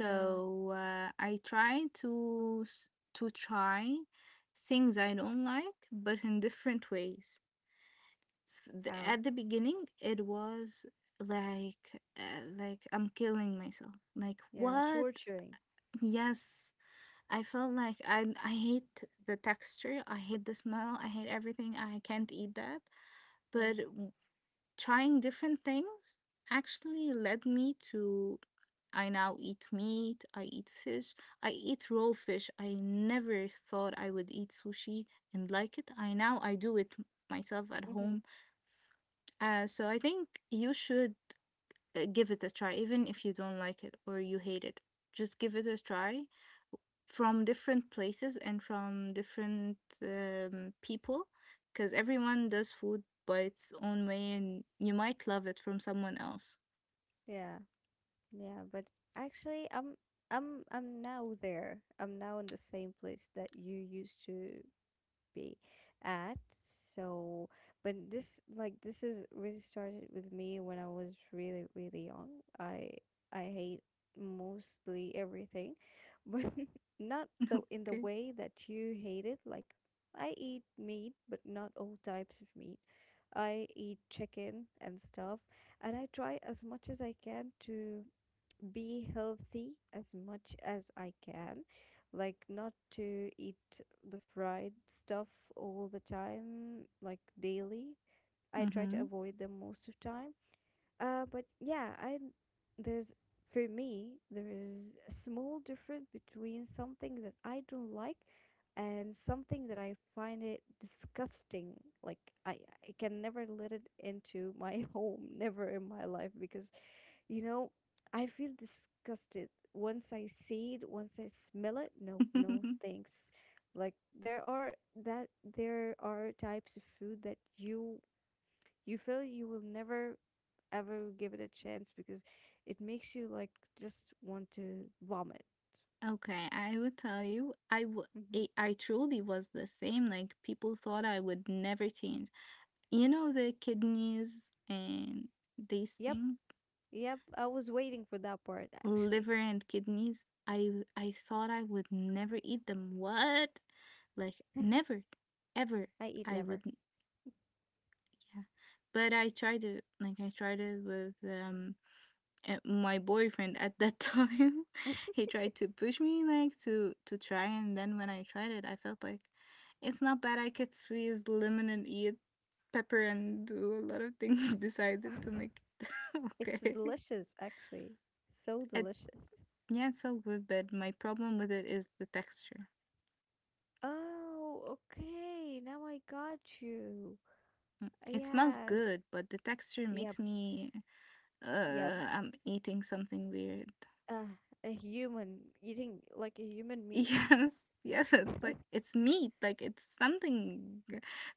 yeah.
I try to try things I don't like, but in different ways.
How?
At the beginning, it was like, like I'm killing myself. Like
Yeah,
what?
torturing.
Yes, I felt like I hate the texture. I hate the smell. I hate everything. I can't eat that.
Yeah.
But trying different things actually led me to. I now eat meat, I eat fish, I eat raw fish. I never thought I would eat sushi and like it. I do it myself at
Mm-hmm.
home. So I think you should give it a try even if you don't like it or you hate it. Just give it a try from different places and from different, people, because everyone does food by its own way and you might love it from someone else.
Yeah. Yeah, but actually, I'm now there. I'm now in the same place that you used to be at. So, but this like this is really started with me when I was really really young. I I hate mostly everything, but not the in the
Okay.
way that you hate it. Like I eat meat, but not all types of meat. I eat chicken and stuff, and I try as much as I can to be healthy as much as I can, like not to eat the fried stuff all the time, like daily. I try to
Mm-hmm.
avoid them most of time. But yeah, I there's for me there is a small difference between something that I don't like and something that I find it disgusting. Like I, I can never let it into my home, never in my life because you know, I feel disgusted once I see it, once I smell it. No, no, thanks. Like that there are types of food that you feel you will never ever give it a chance because it makes you like just want to vomit.
Okay, I would tell you, I w-
Hmm.
I truly was the same. Like people thought I would never change. You know the kidneys and these
Yep,
things,
yep. I was waiting for that part actually.
liver and kidneys. I thought I would never eat them. What? Like
I
never, ever.
eat
I
liver.
would not. Yeah. But I tried it. Like I tried it with my boyfriend at that time. He tried to push me, like, to try, and then when I tried it I felt like it's not bad. I could squeeze lemon and eat pepper and do a lot of things beside it to make it
It's
okay.
delicious, actually. So
it,
delicious.
yeah, it's so good, but my problem with it is the texture.
Oh, okay. Now I got you.
Mm. It smells
Yeah,
good, but the texture
yep,
makes me.
yep.
I'm eating something weird.
Uh, a human eating like a human meat.
Yes, yes, it's like it's meat, like it's something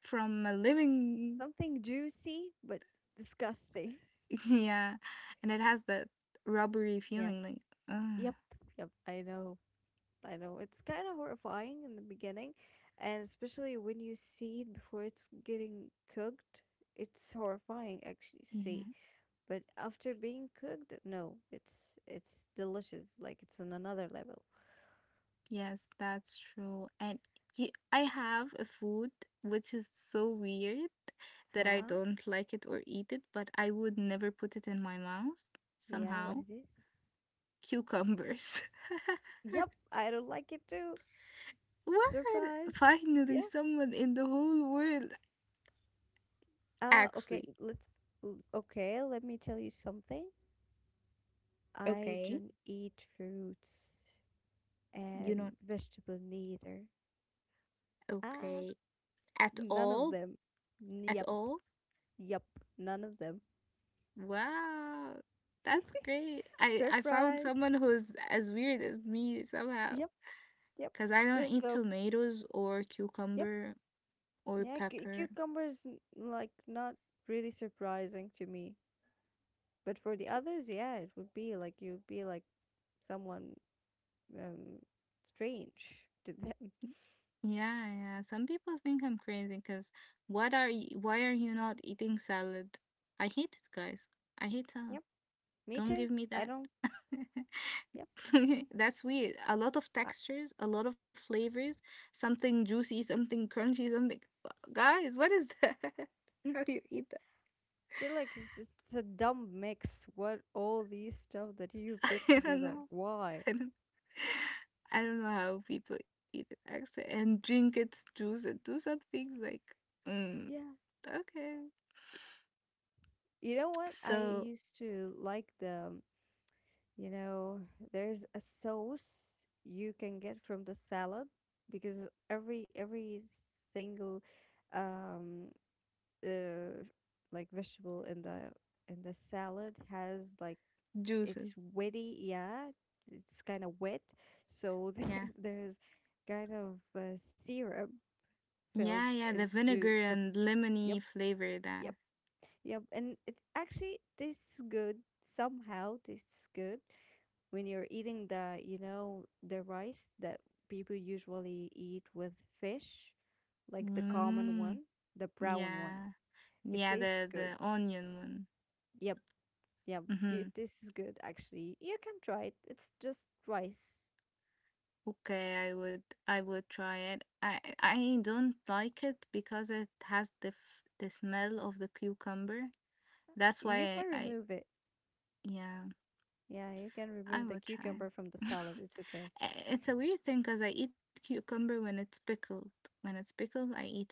from a living.
Something juicy but disgusting.
Yeah, and it has that rubbery
Yeah,
feeling, like, uh,
yep, yep. I know, I know. It's kind of horrifying in the beginning, and especially when you see it before it's getting cooked. It's horrifying actually to see,
yeah.
but after being cooked, no, it's delicious. Like it's on another level.
Yes, that's true. And I have a food which is so weird that I
Huh?
don't like it or eat it, but I would never put it in my mouth
Yeah, what
somehow.
it is?
Cucumbers.
Yep, I don't like it too.
What?
Surprise.
Finally,
Yeah.
someone in the whole world,
Uh, okay,
actually.
let's okay, let me tell you something. I
Okay.
don't eat fruits
You're
and
not
vegetable neither. Ah,
okay at
none of
all?
them.
At
Yep.
all?
Yep. None of them.
Wow. That's great. I found
Surprise.
someone who's as weird as me somehow.
Yep, yep.
Cause I don't
Uh,
eat
So,
tomatoes or
yep.
cucumber or
Yeah,
pepper.
cucumbers like not really surprising to me. But for the others, yeah, it would be like you'd be like someone um strange to them.
Yeah, yeah. Some people think I'm crazy. Cause why are you not eating salad? I hate it, guys. I hate salad.
Yep, me
Don't
too.
give me
I
that.
don't. Yep,
That's weird. A lot of
I
textures, a lot of flavors, something juicy, something crunchy, something. Guys, what is that?
mm,
How do you eat that?
feel like it's a dumb mix. What all these stuff that you put
I don't
together?
know.
Why?
I don't, I don't know how people eat it actually and drink its juice and do some things, like, mm,
Yeah,
okay.
you know what? I
So,
used to like the. You know, there's a sauce you can get from the salad because every single, um, uh, like vegetable in the salad has like it's
juices.
witty, yeah. It's kind of wet. So there,
Yeah.
there's kind of syrup fills
Yeah, yeah. The
into
vinegar
the
and
yep,
lemony flavor
yep,
that.
yep. And it actually tastes good somehow. Tastes good when you're eating the you know the rice that people usually eat with fish, like the common one,
Mm,
the brown one.
yeah.
It
Yeah,
tastes
the,
good.
the onion one.
Yep, yep.
Mm
You,
hmm.
it tastes good actually. You can try it. It's just rice.
Okay, I would try it. I don't like it because it has the smell of the cucumber. That's why
You
I,
can
I
remove it.
yeah,
Yeah, you can
I
remove the
would try.
cucumber from the salad. It's okay.
It's a weird thing because I eat cucumber when it's pickled. When it's pickled, I eat it.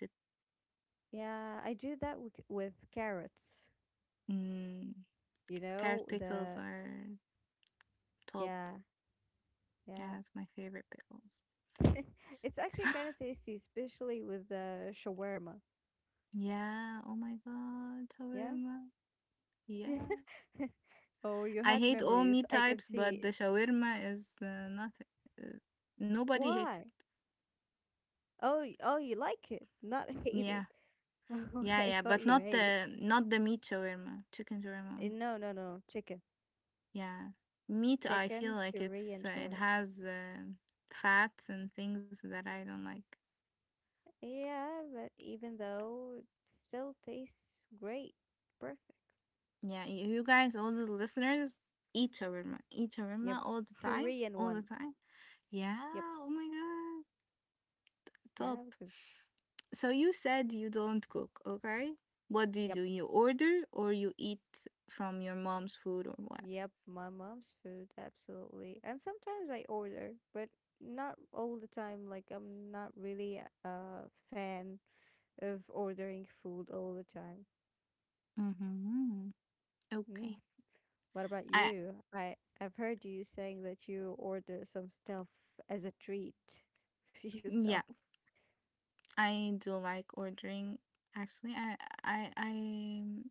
Yeah, I do that with carrots.
Mm,
You
carrot
know,
pickles
the
are top.
yeah, yeah.
Yeah, it's my favorite pickles. S-
It's actually kind of tasty, especially with the shawarma.
yeah, oh my God,
Yeah.
shawarma. Yeah.
Oh, you
I
had
hate all
memories.
meat
I can
types, but
see
the
it.
shawarma is, not. Uh, Nobody hates
Why?
it.
Oh, oh, you like it, not hate it.
Yeah,
Oh,
yeah,
I
yeah.
thought
But
you
not
hate it.
the, not the meat shawarma, chicken shawarma
Eh,
only.
no, no, no. Chicken.
Yeah, meat. I feel
Chicken,
like it's
Syrian
uh, it
shawarma.
has, fats and things that I don't like.
Yeah, but even though it still tastes great. Perfect.
Yeah, you guys, all the listeners, eat shawarma
Yep.
all the times,
Syrian
all the
one.
time. Yeah.
Yep.
Oh my God. Top.
Yeah, because
So you said you don't cook, okay? What
yep.
do? You order or you eat from your mom's food or what?
Yep, my mom's food, absolutely. And sometimes I order, but not all the time. Like I'm not really a fan of ordering food all the time.
Mm-hmm.
Mm.
Okay.
What about
I
you? I've heard you saying that you order some stuff as a treat for yourself.
Yeah, I do like ordering actually. I I I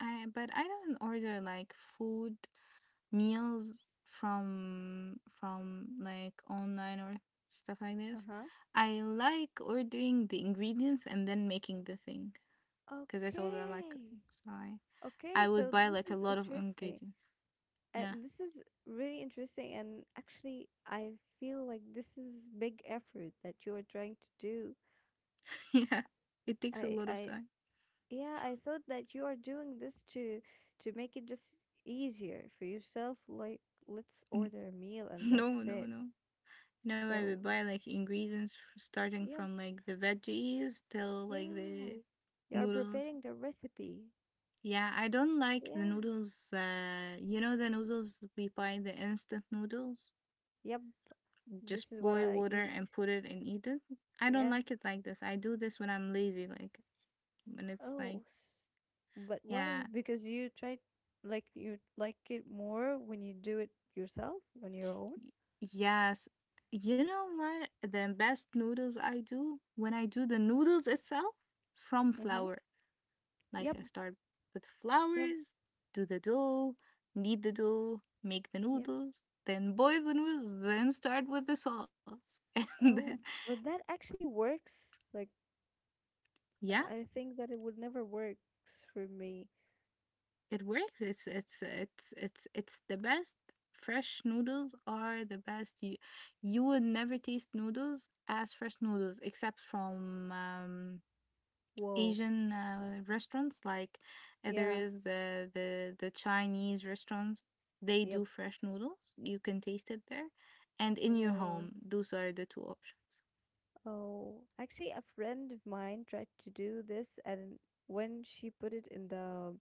I but I don't order like food meals from, like, online or stuff like this.
Uh-huh.
I like ordering the ingredients and then making the thing because I told you I like
Okay.
cooking. So I
Okay,
I would
so
buy
this
like a
is
lot of
interesting.
ingredients. Yeah.
This is really interesting, and actually, I feel like this is big effort that you are trying to do.
Yeah. It takes a
I,
lot of
I,
time.
yeah, I thought that you are doing this to make it just easier for yourself. Like, let's order a meal and
No,
that's
no,
it.
no. Now I
So,
would buy like ingredients, starting
yep,
from, like, the veggies till, like,
yeah,
the
you are
noodles.
preparing the recipe.
Yeah, I don't like
Yeah,
the noodles. The noodles we buy, the instant noodles.
yep, this
Just
is what
boil
I
water
eat.
and put it and eat it. I don't
Yeah.
like it like this. I do this when I'm lazy, like when it's
Oh,
like,
but why?
yeah.
Because you try, like you like it more when you do it yourself on your own.
Y- Yes. You know what? The best noodles I do when I do the noodles itself from
Mm-hmm.
flour.
Yep,
Like I start with
yep,
flours, do the dough, knead the dough, make the
yep.
noodles, then boil the noodles, then start with the sauce. And then,
Oh, but that actually works. Like
yeah,
I think that it would never works for me.
it works. It's the best. Fresh noodles are the best. You would never taste noodles as fresh noodles except from,
Whoa.
Asian, restaurants. Like, there
Yeah.
is, the Chinese restaurants. They do
Yep.
fresh noodles. You can taste it there, and in your home.
Wow.
Those are the two options.
Oh, actually, a friend of mine tried to do this, and when she put it in the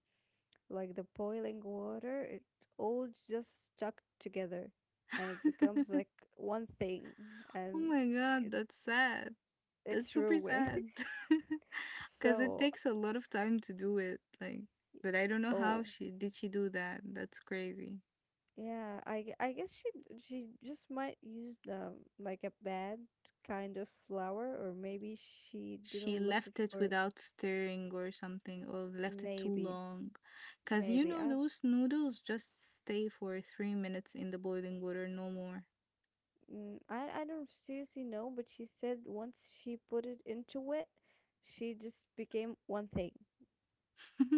like the boiling water, it all just stuck together and it becomes like one thing
Oh
and
my God,
it,
that's sad.
it's
That's super
ruined.
sad. Cause it
So,
takes a lot of time to do it. Like, but I don't know how
oh,
she do that. That's crazy.
yeah, I guess she just might use like a bad kind of flour or maybe she didn't
She
lift it
left it
for
without stirring or something, or left it too
maybe
long, because
maybe I
those noodles just stay for 3 minutes in the boiling water, no more.
I don't seriously know, but she said once she put it into it, she just became one thing.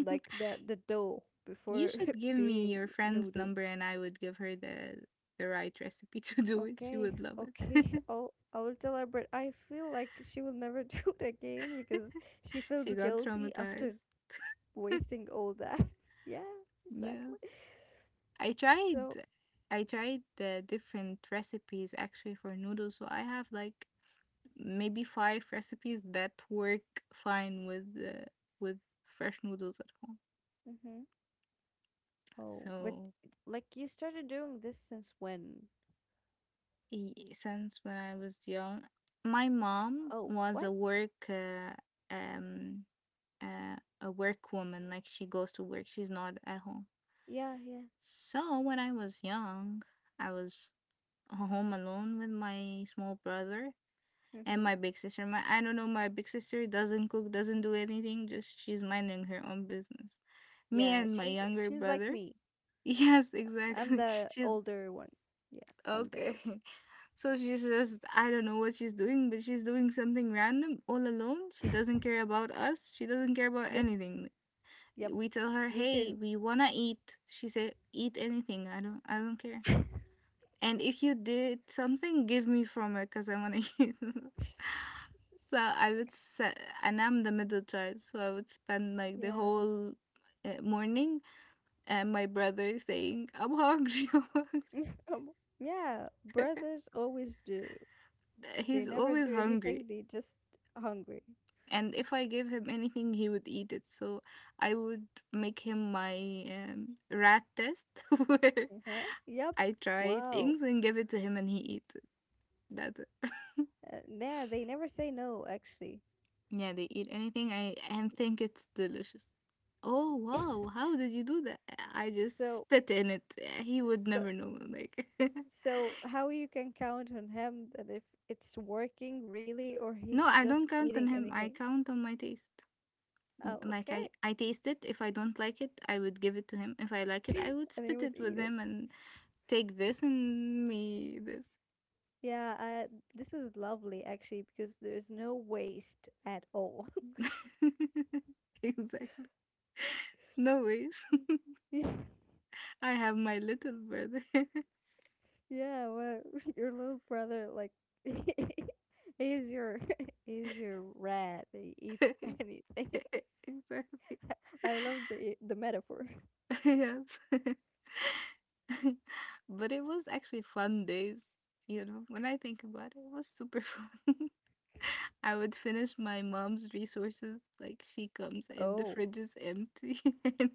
Like the dough
You
before
should give me
being
your friend's
noodles.
number and I would give her the right recipe to do it, she
Okay,
would love it.
okay. Oh, I will tell her, but I feel like she will never do it again because she feels
She got
guilty after
traumatized.
wasting all that. Yeah, exactly.
Yes, i tried
So,
I tried the different recipes actually for noodles, so I have, like, maybe five recipes that work fine with fresh noodles at home.
hmm oh, but
So,
like you started doing this since when?
since when I was young, my mom
Oh,
was
what?
um a work woman. Like she goes to work. She's not at home.
Yeah, yeah.
So when I was young, I was home alone with my small brother and
Mm-hmm.
my big sister. My I don't know, my big sister doesn't cook, doesn't do anything, just she's minding her own business. Me
Yeah,
and my
she's
younger
she's like
brother.
me.
Yes,
I'm
exactly.
the
She's
older one. Yeah, I'm the
okay.
elder.
So she's just, I don't know what she's doing, but she's doing something random all alone. She doesn't care about us. She doesn't care about
Yes.
anything.
Yep.
We tell her,
Me
"Hey,
too.
we want to eat." She said, "Eat anything. I don't care."
Yeah.
And if you did something, give me from it because I want to use it. So I would say, and I'm the middle child, so I would spend like the whole morning and my brother saying, I'm hungry, I'm hungry.
Um, yeah, brothers always do. They
He's
never
always
do
hungry.
anything, they just hungry.
And if I gave him anything, he would eat it. So I would make him my rat test where
Uh-huh. Yep.
I try
Wow.
things and give it to him and he eats it. That's it.
Yeah, they never say no actually.
Yeah, they eat anything I and think it's delicious. Oh wow, how did you do that? I just
So
spit in it. He would
so
never know. Like
so how you can count on him that if it's working really or
No,
he's
I don't
just
count
eating
on him. I
anything.
count on my taste.
Oh,
Like
okay.
I taste it. If I don't like it, I would give it to him. If I like it, I would
And he
spit
would
it
eat
with
it.
him and take this and me this.
Yeah, this is lovely actually because there's no waste at all.
Exactly. No ways. I have my little brother.
Yeah, well, your little brother, like, he's your, he's your rat. He eats anything.
Exactly.
I love the metaphor.
Yes. But it was actually fun days, you know, when I think about it, it was super fun. I would finish my mom's resources, like she comes and the
Oh,
fridge is empty. And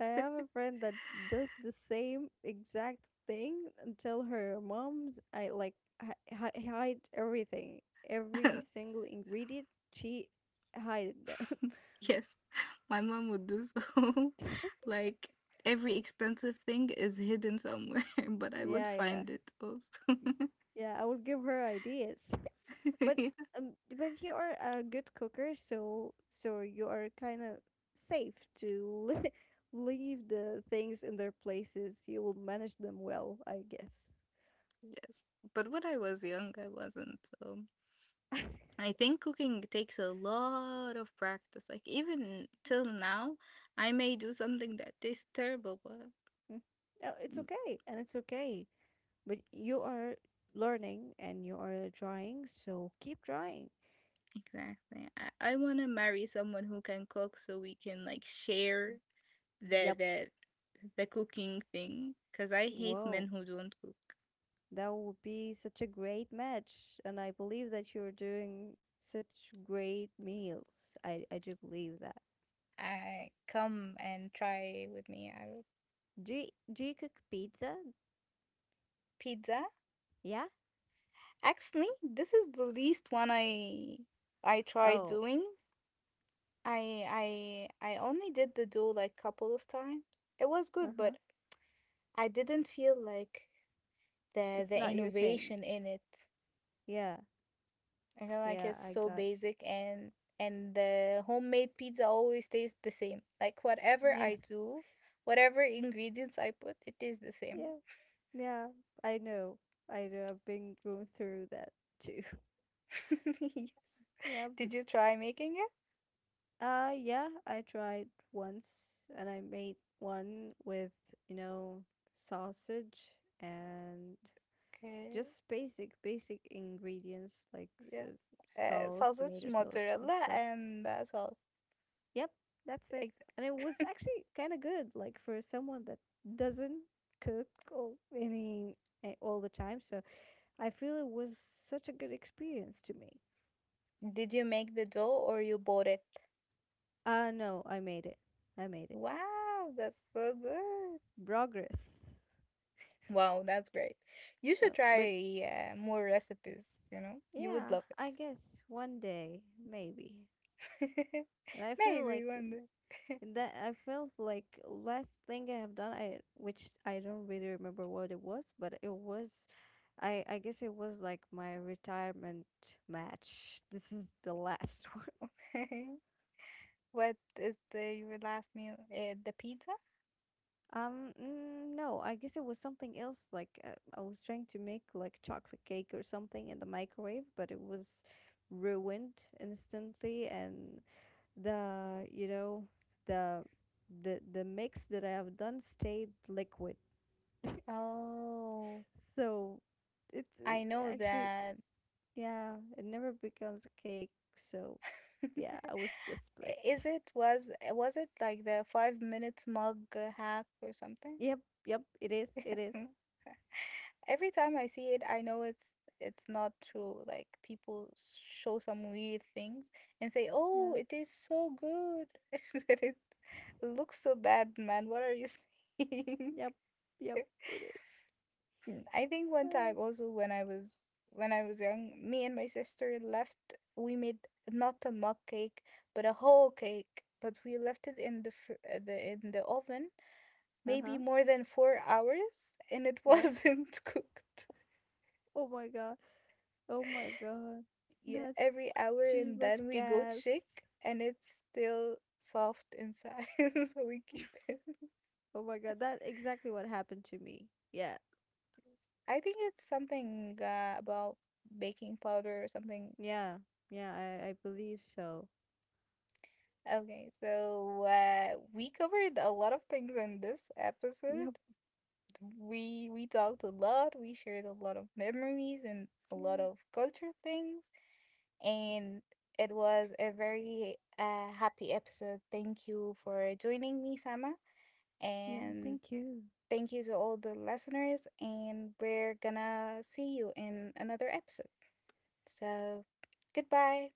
I have a friend that does the same exact thing until her mom's. I like hide everything, every single ingredient. She hide them.
yes, my mom would do so. Like every expensive thing is hidden somewhere, but I would
Yeah, yeah,
find it also.
yeah. I would give her ideas. But but you are a good cooker, you are kind of safe to leave the things in their places. You will manage them well, I guess.
Yes, but when I was young, I wasn't. So I think cooking takes a lot of practice. Like even till now, I may do something that tastes terrible, but
Mm. No, it's
mm,
okay, and it's okay. But you are learning and you are trying, so keep trying.
exactly. I wanna marry someone who can cook so we can like share the
Yep.
the the cooking thing. Cause I hate
Whoa,
men who don't cook.
that would be such a great match, and I believe that you're doing such great meals. I do believe that.
I come and try with me our
Do you, do you cook pizza?
pizza.
Yeah?
Actually, this is the least one I try
Oh,
doing. I only did the duel like couple of times. It was good,
uh-huh.
but I didn't feel like the
It's
the
not your thing.
innovation in it.
Yeah.
I feel like
Yeah,
it's
I
so
got
basic and the homemade pizza always tastes the same. Like whatever
you. Yeah.
I do, whatever ingredients I put, it tastes the same.
Yeah. Yeah. I know. I know. I've been going through that too.
Yes.
Yeah, but
Did you try making it?
yeah, I tried once and I made one with, you know, sausage and
Okay.
just basic ingredients like
Yes.
s- sauce, tomato
Sausage,
sauce and
mozzarella,
stuff.
and sauce.
Yep, that's it. And it was
Exactly.
actually kind of good, like for someone that doesn't cook or any all the time. So I feel it was such a good experience to me.
Did you make the dough or you bought it?
No, I made it. I made it.
Wow, that's so good.
Progress.
Wow, that's great. You should
But
try more recipes, you know? You would
yeah,
love
I
it.
guess one day maybe. But I feel like
Maybe one
that I felt like last thing I have done I which I don't really remember what it was, but it was I guess it was like my retirement match. This is the last one.
day. What is the your last meal? The pizza?
No, I guess it was something else like I was trying to make like chocolate cake or something in the microwave, but it was ruined instantly and the you know the the mix that I have done stayed liquid.
Oh,
So it's
I know
actually,
that.
yeah, it never becomes a cake. So yeah, I was desperate.
Is it was eh, Was it like the 5 minutes mug hack or something?
Yep, yep, it is, it is.
Every time I see it, I know it's not true. Like people show some weird things and say,
Yeah,
"Oh, it is so good," that it looks so bad, man. What are you saying?
yep, yep, it is.
Mm, I think one
Uh,
time also when I was young, me and my sister left. We made not a mug cake, but a whole cake. But we left it in the fr- the in the oven maybe
uh-huh,
more than 4 hours, and it
yep.
wasn't cooked.
Oh my God, oh my God,
Yeah,
that's
every hour
too
and
much
then we go
gas.
check and it's still soft inside, so we keep it.
Oh my God, that exactly what happened to me. Yeah,
I think it's something about baking powder or something.
yeah, yeah, I believe so.
Okay, so we covered a lot of things in this episode.
Yep,
We talked a lot. We shared a lot of memories and a lot
yeah,
of culture things, and it was a very happy episode. Thank you for joining me, Sama,
yeah,
and
thank you.
thank you to all the listeners, and we're gonna see you in another episode. So, goodbye.